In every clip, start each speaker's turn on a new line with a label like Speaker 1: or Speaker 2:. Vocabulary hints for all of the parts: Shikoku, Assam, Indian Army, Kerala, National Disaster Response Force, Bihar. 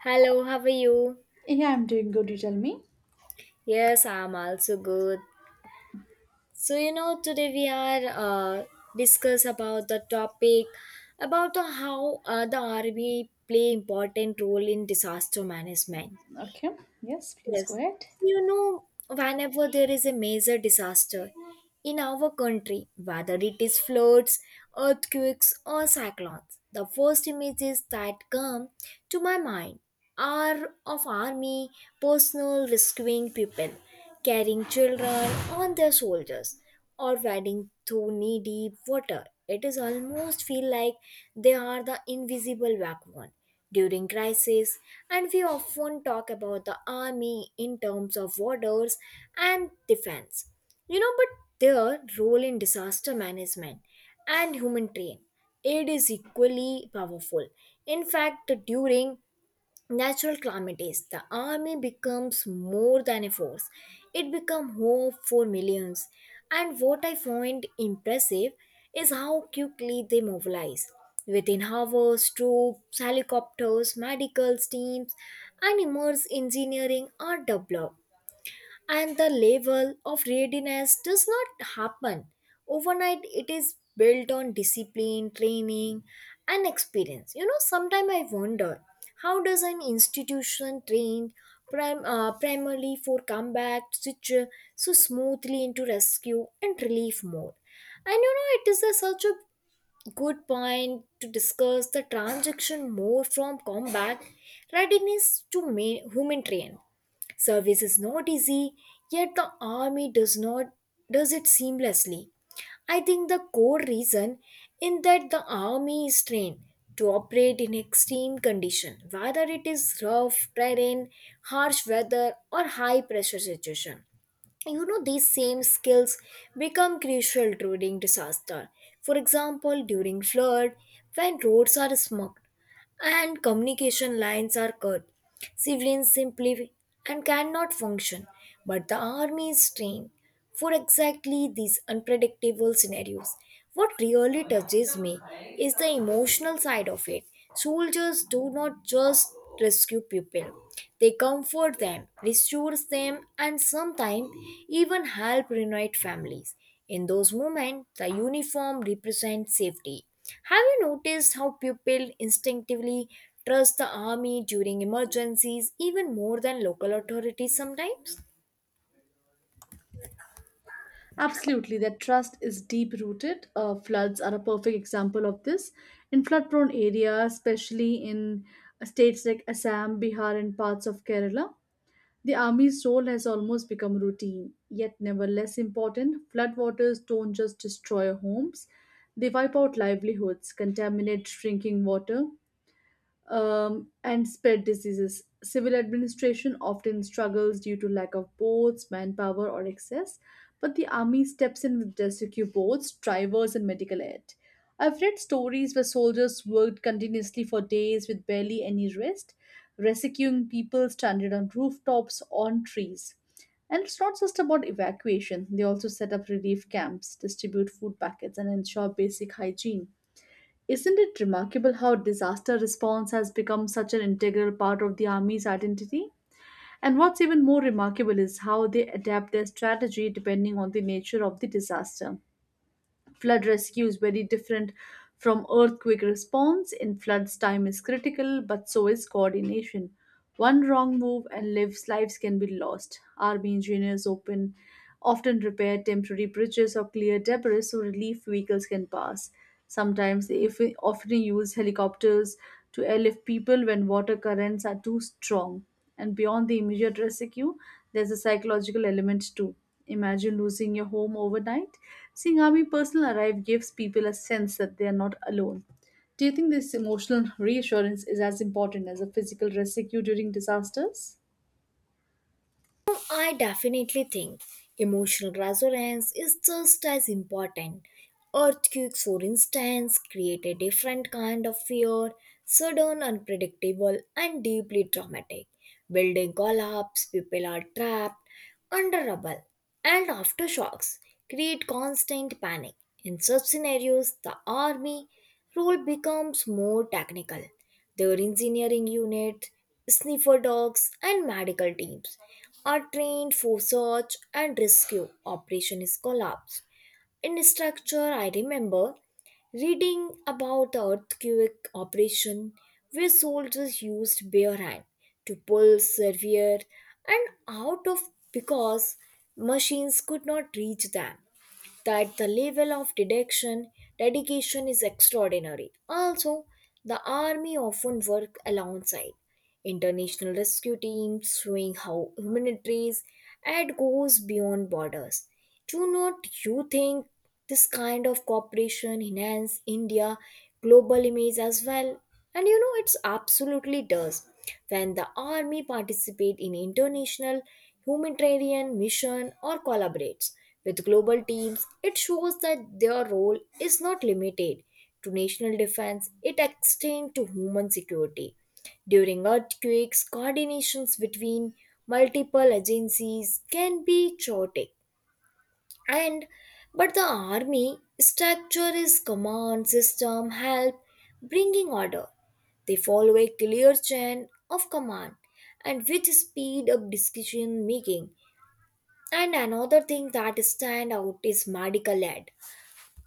Speaker 1: Hello, how are you?
Speaker 2: Yeah, I'm doing good. You tell me.
Speaker 1: Yes, I'm also good. Today we are discuss about the topic about the, how the army play important role in disaster management.
Speaker 2: Okay. Yes, please go
Speaker 1: Yes,
Speaker 2: ahead.
Speaker 1: you know, whenever there is a major disaster in our country, whether it is floods, earthquakes, or cyclones, the first images that come to my mind are of army personnel rescuing people carrying children on their shoulders or wading through knee deep water. It is almost feel like they are the invisible backbone during crisis, and we often talk about the army in terms of borders and defense, but their role in disaster management and humanitarian aid is equally powerful. In fact, during natural calamities, the army becomes more than a force. It becomes hope for millions. And what I find impressive is how quickly they mobilize. Within hours, troops, helicopters, medical teams, and immense engineering are developed, and the level of readiness does not happen overnight. It is built on discipline, training, and experience. Sometimes I wonder, how does an institution trained primarily for combat switch so smoothly into rescue and relief mode? And it is a, such a good point to discuss the transaction more from combat readiness to humanitarian. Service is not easy, yet the army does not does it seamlessly. I think the core reason in that the army is trained to operate in extreme condition, whether it is rough terrain, harsh weather, or high pressure situation. These same skills become crucial during disaster. For example, during flood, when roads are smoked and communication lines are cut, civilians simply and cannot function, but the army is trained for exactly these unpredictable scenarios. What really touches me is the emotional side of it. Soldiers do not just rescue people. They comfort them, restore them, and sometimes even help reunite families. In those moments, the uniform represents safety. Have you noticed how people instinctively trust the army during emergencies even more than local authorities sometimes?
Speaker 2: Absolutely. That trust is deep rooted. Floods are a perfect example of this. In flood prone areas, especially in states like Assam, Bihar, and parts of Kerala, the army's role has almost become routine, yet never less important. Floodwaters don't just destroy homes, they wipe out livelihoods, contaminate drinking water, and spread diseases. Civil administration often struggles due to lack of boats, manpower, or excess, but the army steps in with rescue boats, drivers, and medical aid. I've read stories where soldiers worked continuously for days with barely any rest, rescuing people stranded on rooftops, on trees. And it's not just about evacuation, they also set up relief camps, distribute food packets, and ensure basic hygiene. Isn't it remarkable how disaster response has become such an integral part of the Army's identity? And what's even more remarkable is how they adapt their strategy depending on the nature of the disaster. Flood rescue is very different from earthquake response. In floods, time is critical, but so is coordination. One wrong move and lives can be lost. Army engineers open often repair temporary bridges or clear debris so relief vehicles can pass. Sometimes they if- often use helicopters to airlift people when water currents are too strong. And beyond the immediate rescue, there's a psychological element too. Imagine losing your home overnight. Seeing army personnel arrive gives people a sense that they are not alone. Do you think this emotional reassurance is as important as a physical rescue during disasters?
Speaker 1: I definitely think emotional resonance is just as important. Earthquakes, for instance, create a different kind of fear, sudden, unpredictable, and deeply traumatic. Building collapse, people are trapped under rubble, and aftershocks create constant panic. In such scenarios, the army role becomes more technical. Their engineering unit, sniffer dogs, and medical teams are trained for search and rescue operations collapse. In structure, I remember reading about the earthquake operation where soldiers used bare hand to pull severe and out of because machines could not reach them. That the level of deduction, dedication is extraordinary. Also, the army often work alongside international rescue teams, showing how humanitarian aid goes beyond borders. Do not you think this kind of cooperation enhance India global image as well? And it's absolutely does. When the army participates in international humanitarian mission or collaborates with global teams, it shows that their role is not limited to national defense. It extends to human security. During earthquakes, coordinations between multiple agencies can be chaotic, and but the army structure is command system help bringing order. They follow a clear chain of command, and which speed up decision making. And another thing that stand out is medical aid.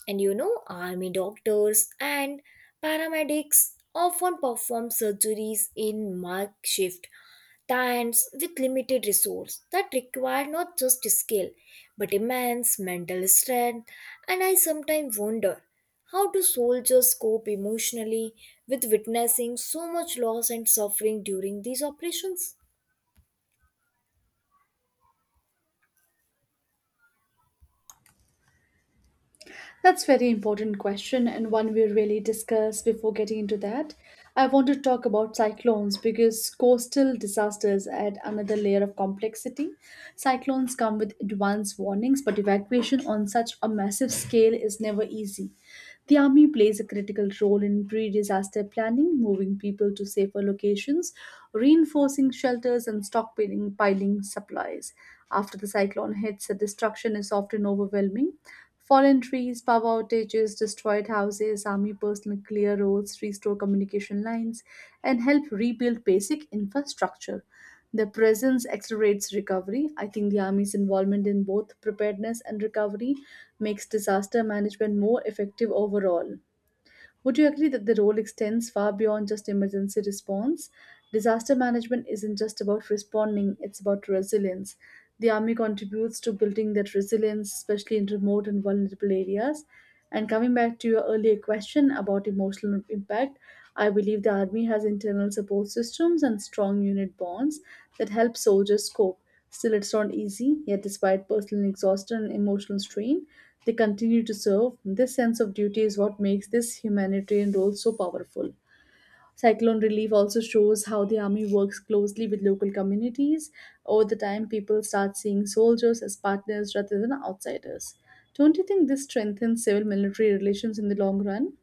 Speaker 1: And army doctors and paramedics often perform surgeries in makeshift tents with limited resources. That require not just skill but immense mental strength. And I sometimes wonder, how do soldiers cope emotionally with witnessing so much loss and suffering during these operations?
Speaker 2: That's very important question and one we really discuss before getting into that. I want to talk about cyclones because coastal disasters add another layer of complexity. Cyclones come with advance warnings, but evacuation on such a massive scale is never easy. The army plays a critical role in pre-disaster planning, moving people to safer locations, reinforcing shelters and stockpiling piling supplies. After the cyclone hits, the destruction is often overwhelming. Fallen trees, power outages, destroyed houses, army personnel clear roads, restore communication lines, and help rebuild basic infrastructure. Their presence accelerates recovery. I think the Army's involvement in both preparedness and recovery makes disaster management more effective overall. Would you agree that the role extends far beyond just emergency response? Disaster management isn't just about responding, it's about resilience. The Army contributes to building that resilience, especially in remote and vulnerable areas. And coming back to your earlier question about emotional impact, I believe the Army has internal support systems and strong unit bonds that help soldiers cope. Still, it's not easy, yet, despite personal exhaustion and emotional strain, they continue to serve. This sense of duty is what makes this humanitarian role so powerful. Cyclone relief also shows how the army works closely with local communities. Over the time, people start seeing soldiers as partners rather than outsiders. Don't you think this strengthens civil military relations in the long run?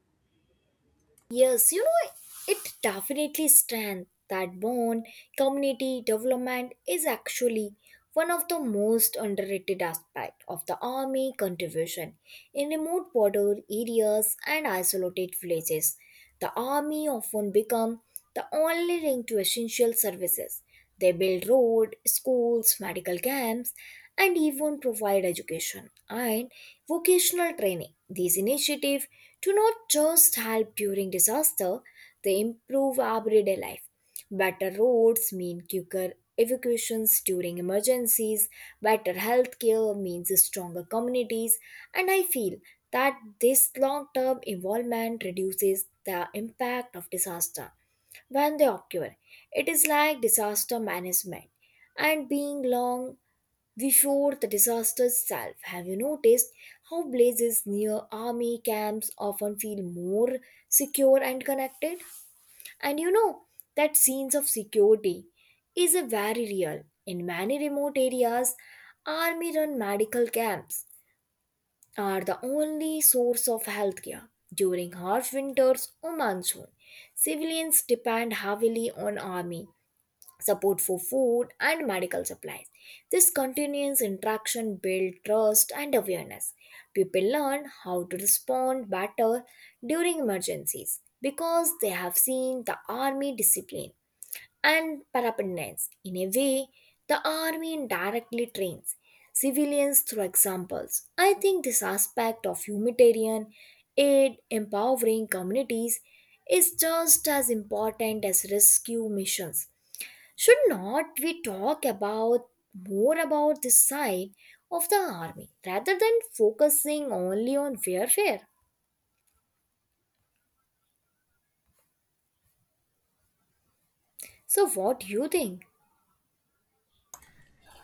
Speaker 1: Yes, it definitely strengthens that bond. Community development is actually one of the most underrated aspects of the army contribution. In remote border areas and isolated villages, the army often become the only link to essential services. They build road, schools, medical camps, and even provide education and vocational training. These initiatives to not just help during disaster, they improve everyday life. Better roads mean quicker evacuations during emergencies, better healthcare means stronger communities, and I feel that this long term involvement reduces the impact of disaster when they occur. It is like disaster management and being long before the disaster itself. Have you noticed how blazes near army camps often feel more secure and connected? And that sense of security is a very real. In many remote areas, army run medical camps are the only source of healthcare. During harsh winters or monsoon, civilians depend heavily on army support for food and medical supplies. This continuous interaction builds trust and awareness. People learn how to respond better during emergencies because they have seen the army discipline and parapendants. In a way, the army indirectly trains civilians through examples. I think this aspect of humanitarian aid empowering communities is just as important as rescue missions. Should not we talk about more about this side of the army rather than focusing only on warfare? So what do you think?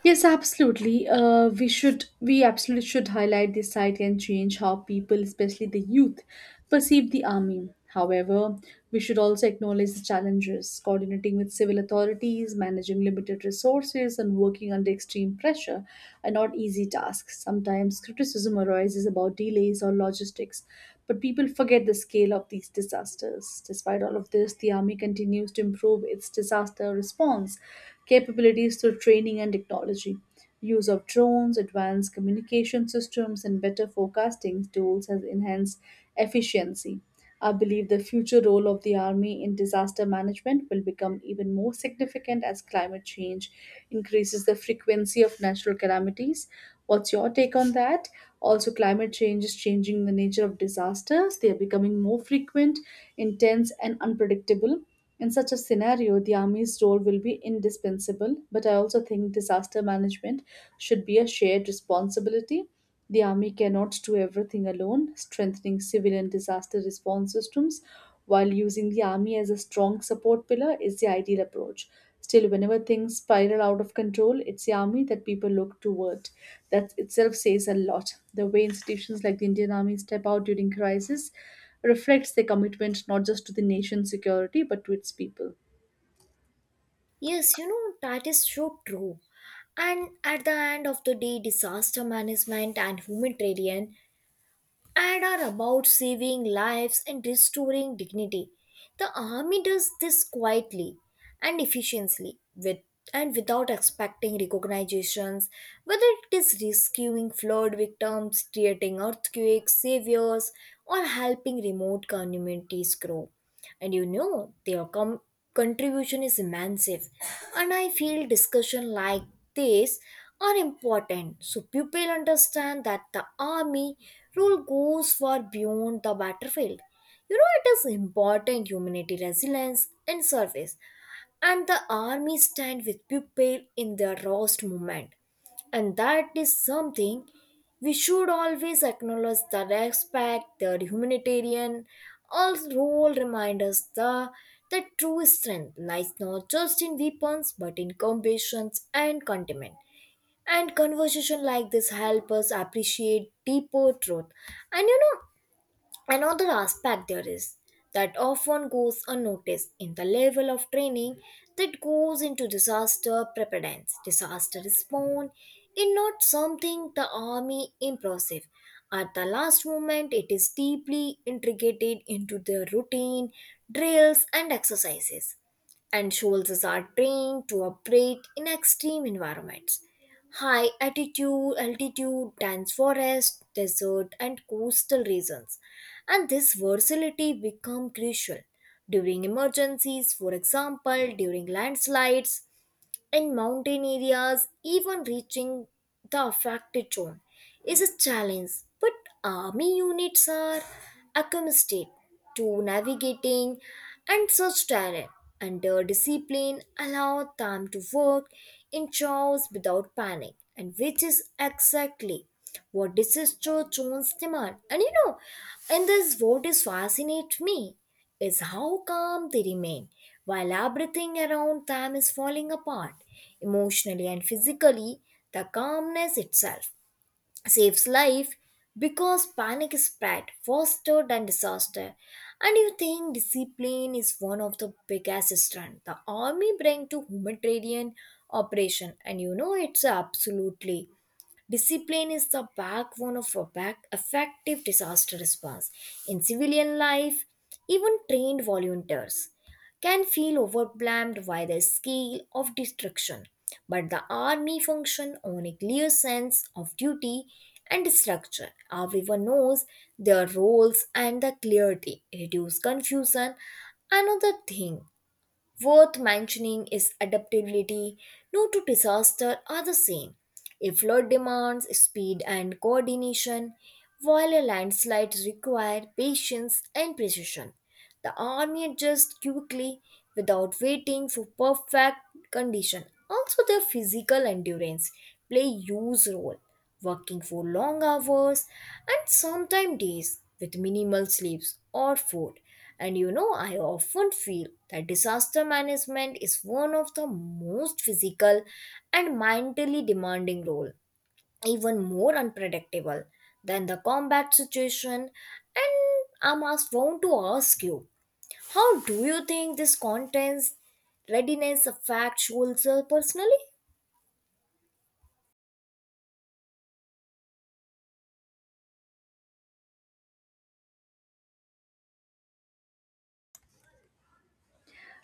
Speaker 2: Yes, absolutely. We should, we absolutely should highlight this site and change how people, especially the youth, perceive the army. However, we should also acknowledge the challenges coordinating with civil authorities, managing limited resources, and working under extreme pressure are not easy tasks. Sometimes criticism arises about delays or logistics, but people forget the scale of these disasters. Despite all of this, the army continues to improve its disaster response capabilities through training and technology. Use of drones, advanced communication systems, and better forecasting tools has enhanced efficiency. I believe the future role of the Army in disaster management will become even more significant as climate change increases the frequency of natural calamities. What's your take on that? Also, climate change is changing the nature of disasters. They are becoming more frequent, intense, and unpredictable. In such a scenario, the Army's role will be indispensable, but I also think disaster management should be a shared responsibility. The Army cannot do everything alone, strengthening civilian disaster response systems while using the Army as a strong support pillar is the ideal approach. Still, whenever things spiral out of control, it's the Army that people look toward. That itself says a lot. The way institutions like the Indian Army step out during crisis reflects their commitment not just to the nation's security but to its people.
Speaker 1: Yes, that is so true. And at the end of the day, disaster management and humanitarian aid are about saving lives and restoring dignity. The army does this quietly and efficiently with and without expecting recognitions, whether it is rescuing flood victims, creating earthquake saviors, or helping remote communities grow. And their contribution is massive, and I feel discussion like this are important so people understand that the army role goes far beyond the battlefield. It is important humanity resilience and service, and the army stand with people in their rawest moment, and that is something we should always acknowledge. The respect, the humanitarian all role remind us the that true strength lies not just in weapons but in compassions and contentment, and conversation like this help us appreciate deeper truth. And another aspect there is that often goes unnoticed in the level of training that goes into disaster preparedness. Disaster response is not something the army impressive. At the last moment, it is deeply integrated into their routine, drills, and exercises, and soldiers are trained to operate in extreme environments, high altitude, dense forest, desert, and coastal regions. And this versatility become crucial during emergencies. For example, during landslides in mountain areas, even reaching the affected zone is a challenge. But army units are accustomed to navigating and such terrain, and their discipline allow them to work in chaos without panic, and which is exactly what disaster zones demand. And this what is fascinates me is how calm they remain while everything around them is falling apart. Emotionally and physically, the calmness itself saves life because panic is spread, fostered, and disaster. And you think discipline is one of the biggest strength the army bring to humanitarian operation, and it's absolutely. Discipline is the backbone of a back effective disaster response. In civilian life, even trained volunteers can feel overwhelmed by the scale of destruction. But the army function on a clear sense of duty and structure. Everyone knows their roles and the clarity, reduce confusion. Another thing worth mentioning is adaptability. No two disasters are the same. A flood demands speed and coordination, while a landslide requires patience and precision. The army adjusts quickly without waiting for perfect condition. Also, their physical endurance play huge role, working for long hours and sometimes days with minimal sleeps or food. And I often feel that disaster management is one of the most physical and mentally demanding role, even more unpredictable than the combat situation. And want to ask you, how do you think this contents readiness affects soldiers personally?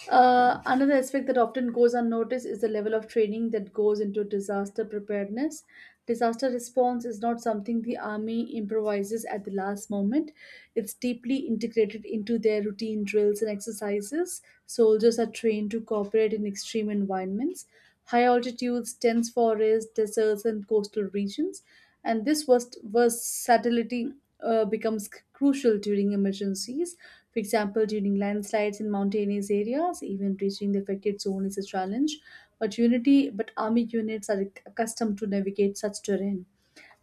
Speaker 2: Another aspect that often goes unnoticed is the level of training that goes into disaster preparedness. Disaster response is not something the army improvises at the last moment. It's deeply integrated into their routine drills and exercises. Soldiers are trained to cooperate in extreme environments, high altitudes, dense forests, deserts, and coastal regions. And this versatility becomes crucial during emergencies. For example, during landslides in mountainous areas, even reaching the affected zone is a challenge. But army units are accustomed to navigate such terrain.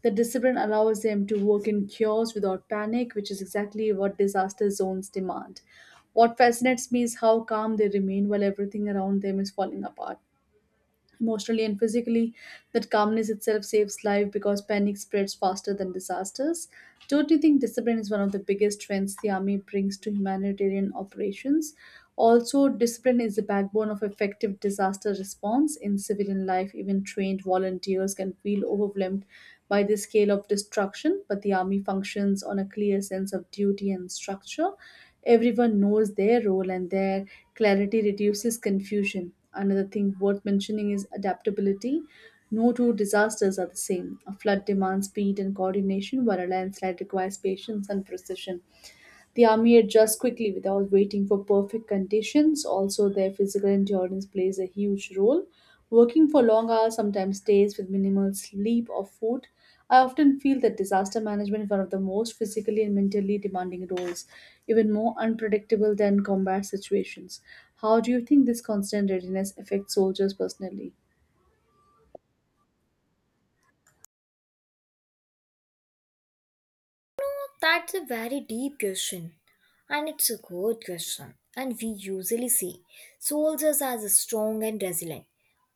Speaker 2: The discipline allows them to work in chaos without panic, which is exactly what disaster zones demand. What fascinates me is how calm they remain while everything around them is falling apart emotionally and physically. That calmness itself saves life because panic spreads faster than disasters. Don't you think discipline is one of the biggest strengths the army brings to humanitarian operations? Also, discipline is the backbone of effective disaster response. In civilian life, even trained volunteers can feel overwhelmed by the scale of destruction, but the army functions on a clear sense of duty and structure. Everyone knows their role and their clarity reduces confusion. Another thing worth mentioning is adaptability. No two disasters are the same. A flood demands speed and coordination, while a landslide requires patience and precision. The army adjusts quickly without waiting for perfect conditions. Also, their physical endurance plays a huge role. Working for long hours, sometimes days, with minimal sleep or food. I often feel that disaster management is one of the most physically and mentally demanding roles, even more unpredictable than combat situations. How do you think this constant readiness affects soldiers personally?
Speaker 1: That's a very deep question, and it's a good question. And we usually see soldiers as strong and resilient,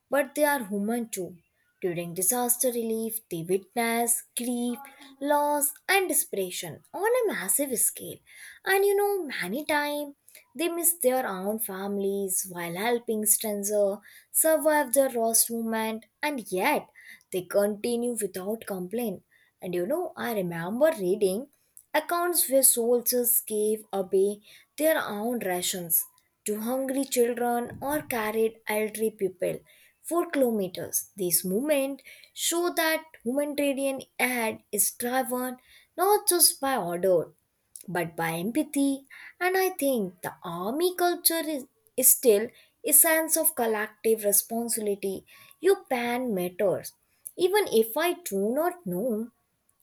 Speaker 1: but they are human too. During disaster relief, they witness grief, loss, and desperation on a massive scale. And many times they miss their own families while helping strangers survive the lost moment, and yet they continue without complaint. And I remember reading accounts where soldiers gave away their own rations to hungry children or carried elderly people for kilometers. These movements show that humanitarian aid is driven not just by order but by empathy. And I think the army culture is still a sense of collective responsibility. Your pan matters. Even if I do not know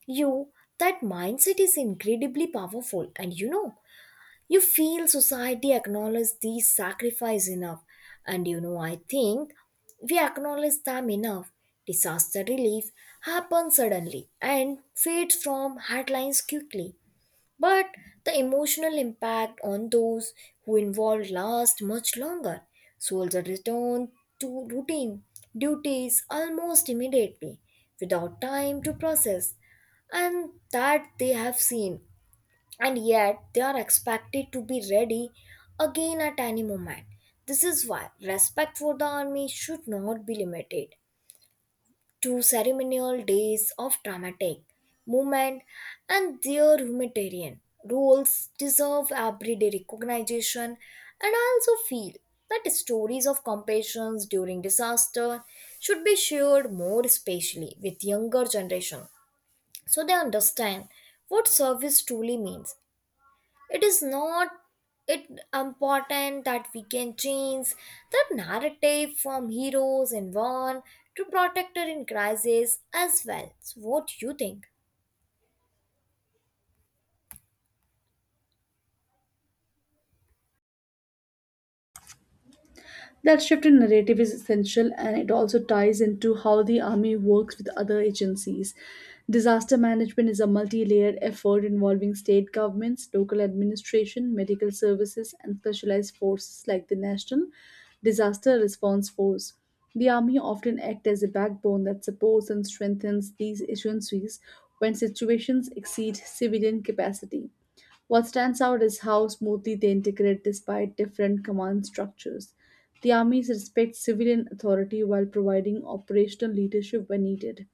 Speaker 1: you, that mindset is incredibly powerful. And you feel society acknowledges these sacrifice enough. And I think we acknowledge them enough. Disaster relief happens suddenly and fades from headlines quickly. But the emotional impact on those who involved lasts much longer. Soldiers return to routine duties almost immediately without time to process, and that they have seen, and yet they are expected to be ready again at any moment. This is why respect for the army should not be limited to ceremonial days of dramatic movement, and their humanitarian roles deserve everyday recognition. And I also feel that stories of compassion during disaster should be shared more, especially with younger generation, so they understand what service truly means. It is not it important that we can change the narrative from heroes in one to protector in crisis as well. So what do you think?
Speaker 2: That shift in narrative is essential and it also ties into how the Army works with other agencies. Disaster management is a multi layered effort involving state governments, local administration, medical services, and specialized forces like the National Disaster Response Force. The Army often acts as a backbone that supports and strengthens these agencies when situations exceed civilian capacity. What stands out is how smoothly they integrate despite different command structures. The armies respect civilian authority while providing operational leadership when needed.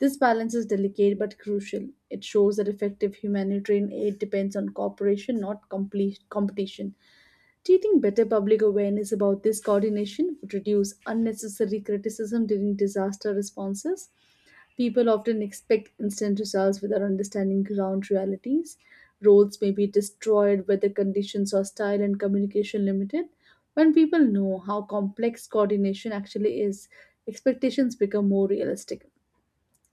Speaker 2: This balance is delicate but crucial. It shows that effective humanitarian aid depends on cooperation, not complete competition. Do you think better public awareness about this coordination would reduce unnecessary criticism during disaster responses? People often expect instant results without understanding ground realities. Roles may be destroyed, weather conditions hostile, and communication limited. When people know how complex coordination actually is, expectations become more realistic.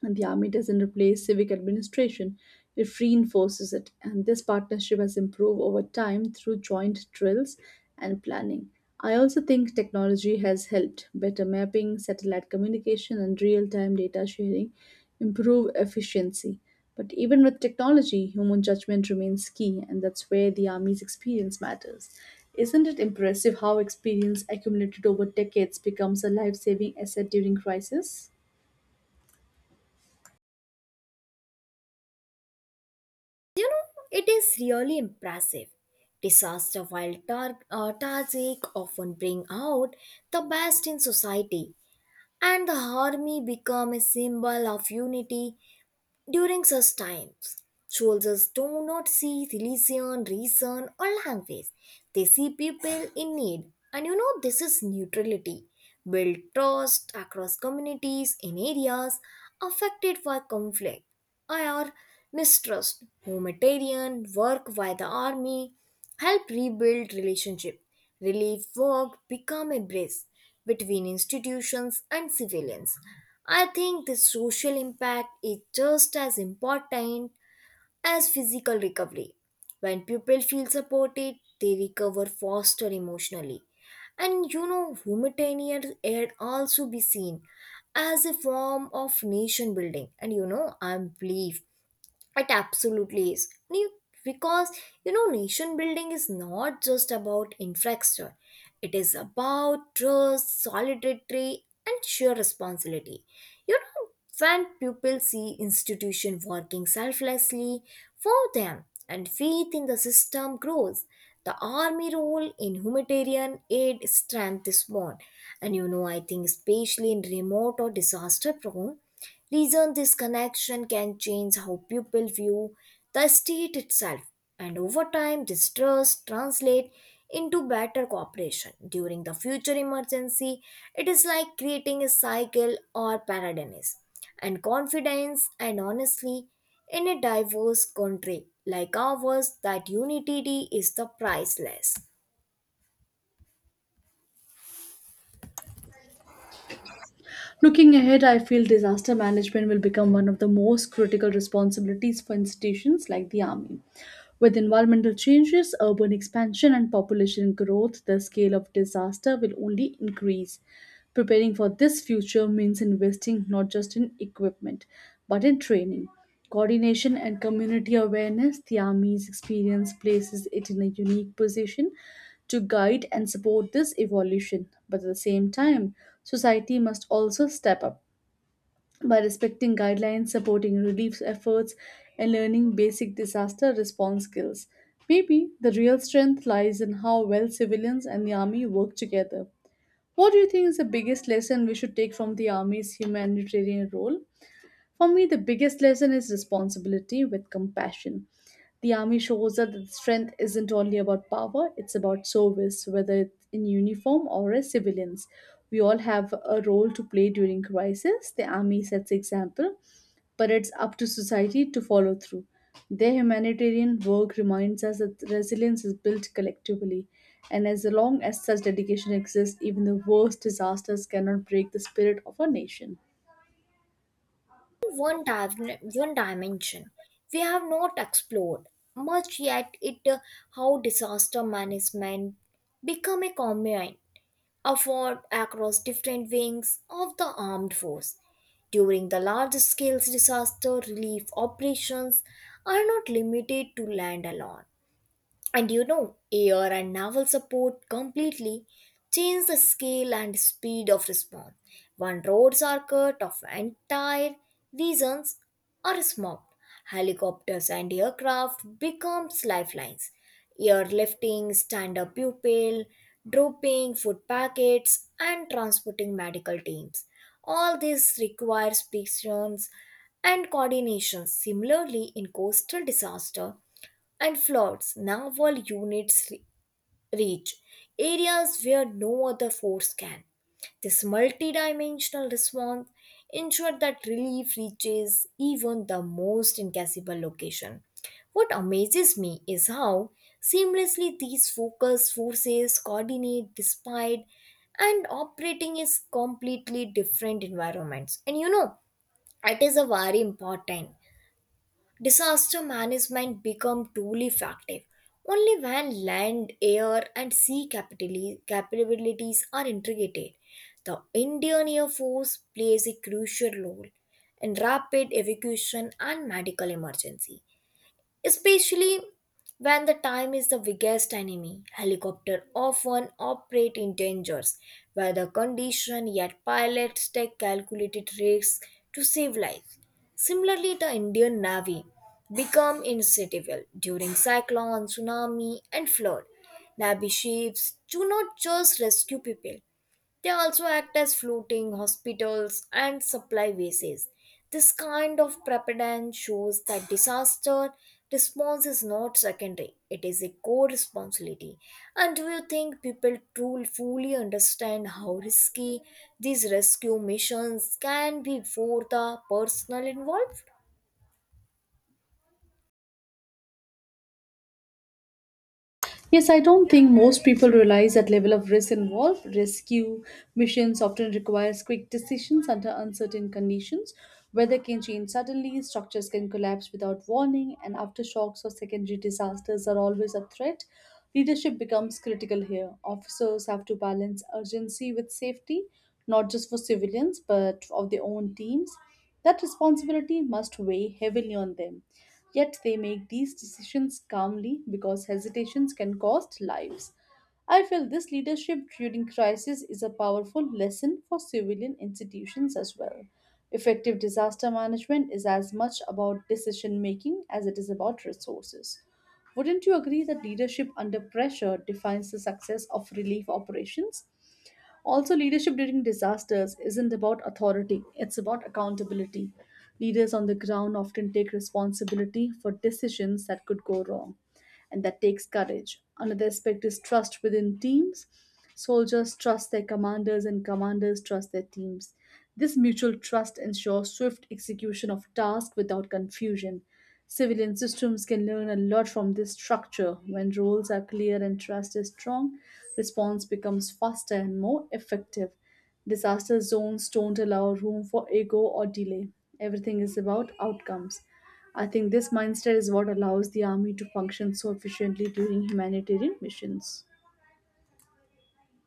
Speaker 2: And the army doesn't replace civic administration, it reinforces it. And this partnership has improved over time through joint drills and planning. I also think technology has helped. Better mapping, satellite communication, and real time data sharing improve efficiency. But even with technology, human judgment remains key, and that's where the Army's experience matters. Isn't it impressive how experience accumulated over decades becomes a life saving asset during crisis?
Speaker 1: you know it is really impressive. Disaster, while tragic, often bring out the best in society, and the army become a symbol of unity. During such times, soldiers do not see religion, reason, or language. They see people in need. This is neutrality. Build trust across communities in areas affected by conflict or mistrust. Humanitarian work by the army help rebuild relationship. Relief work become a bridge between institutions and civilians. I think the social impact is just as important as physical recovery. When people feel supported, they recover faster emotionally. Humanitarian aid also be seen as a form of nation building. I believe it absolutely is. And you- Because nation building is not just about infrastructure, it is about trust, solidarity, and shared responsibility. You know, when people see institution working selflessly for them and faith in the system grows, the army role in humanitarian aid strength is born. I think especially in remote or disaster prone reason, this connection can change how people view the state itself, and over time, this trust translate into better cooperation during the future emergency. It is like creating a cycle or paradigms, and confidence and honestly in a diverse country like ours that unity is the priceless.
Speaker 2: Looking ahead, I feel disaster management will become one of the most critical responsibilities for institutions like the Army. With environmental changes, urban expansion, and population growth, the scale of disaster will only increase. Preparing for this future means investing not just in equipment, but in training. Coordination and community awareness, the Army's experience places it in a unique position to guide and support this evolution. But at the same time, society must also step up by respecting guidelines, supporting relief efforts, and learning basic disaster response skills. Maybe the real strength lies in how well civilians and the Army work together. What do you think is the biggest lesson we should take from the Army's humanitarian role? For me, the biggest lesson is responsibility with compassion. The army shows us that strength isn't only about power, it's about service, whether it's in uniform or as civilians. We all have a role to play during crisis. The army sets example, but it's up to society to follow through. Their humanitarian work reminds us that resilience is built collectively, and as long as such dedication exists, even the worst disasters cannot break the spirit of our nation.
Speaker 1: one, div- One dimension we have not explored much yet, it how disaster management become a common effort across different wings of the armed force during the large scale disaster relief operations, are not limited to land alone. Air and naval support completely change the scale and speed of response. When roads are cut off, entire regions are smocked. Helicopters and aircraft becomes lifelines. Airlifting, stand-up pupil, dropping food packets, and transporting medical teams. All this requires patience and coordination. Similarly, in coastal disaster, and floods naval units reach areas where no other force can. This multidimensional response ensured that relief reaches even the most inaccessible location. What amazes me is how seamlessly these focus forces coordinate despite and operating is completely different environments. It is a very important. Disaster management become truly effective only when land, air, and sea capabilities are integrated. The Indian Air Force plays a crucial role in rapid evacuation and medical emergency, especially when the time is the biggest enemy. Helicopters often operate in dangerous weather conditions, yet pilots take calculated risks to save lives. Similarly, the Indian Navy become insatiable during cyclone, tsunami, and flood. Navy ships do not just rescue people; they also act as floating hospitals and supply bases. This kind of preparedness shows that disaster response is not secondary, it is a core responsibility. And do you think people truly fully understand how risky these rescue missions can be for the personnel involved?
Speaker 2: Yes, I don't think most people realize that level of risk involved. Rescue missions often requires quick decisions under uncertain conditions. Weather can change suddenly, structures can collapse without warning, and aftershocks or secondary disasters are always a threat. Leadership becomes critical here. Officers have to balance urgency with safety, not just for civilians, but of their own teams. That responsibility must weigh heavily on them. Yet they make these decisions calmly because hesitations can cost lives. I feel this leadership during crisis is a powerful lesson for civilian institutions as well. Effective disaster management is as much about decision making as it is about resources. Wouldn't you agree that leadership under pressure defines the success of relief operations? Also, leadership during disasters isn't about authority, it's about accountability. Leaders on the ground often take responsibility for decisions that could go wrong, and that takes courage. Another aspect is trust within teams. Soldiers trust their commanders, and commanders trust their teams. This mutual trust ensures swift execution of tasks without confusion. Civilian systems can learn a lot from this structure. When roles are clear and trust is strong, response becomes faster and more effective. Disaster zones don't allow room for ego or delay. Everything is about outcomes. I think this mindset is what allows the army to function so efficiently during humanitarian missions.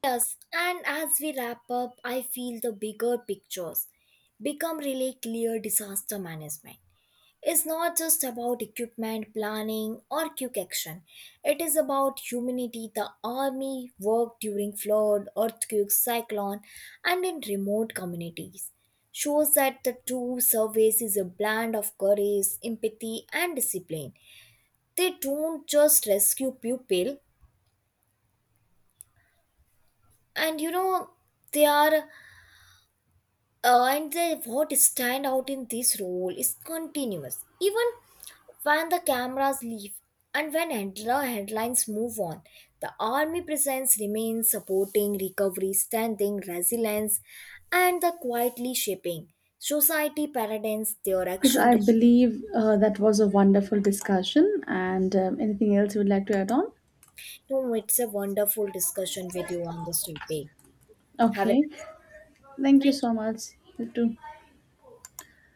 Speaker 1: Yes, and as we wrap up, I feel the bigger pictures become really clear. Disaster management is not just about equipment planning or quick action. It is about humanity. The army worked during flood, earthquake, cyclone, and in remote communities. Shows that the true service is a blend of courage, empathy, and discipline. They don't just rescue people, and you know they are and the what stand out in this role is continuous even when the cameras leave and when handler headlines move on, the army presence remains supporting recovery, standing resilience, and the quietly shaping society paradigms their
Speaker 2: Yes,
Speaker 1: action.
Speaker 2: I believe that was a wonderful discussion. And anything else you would like to add on?
Speaker 1: No, it's a wonderful discussion with you on this topic. Have a
Speaker 2: Okay.
Speaker 1: nice day,
Speaker 2: Thank you
Speaker 1: thank you.
Speaker 2: so much. You too.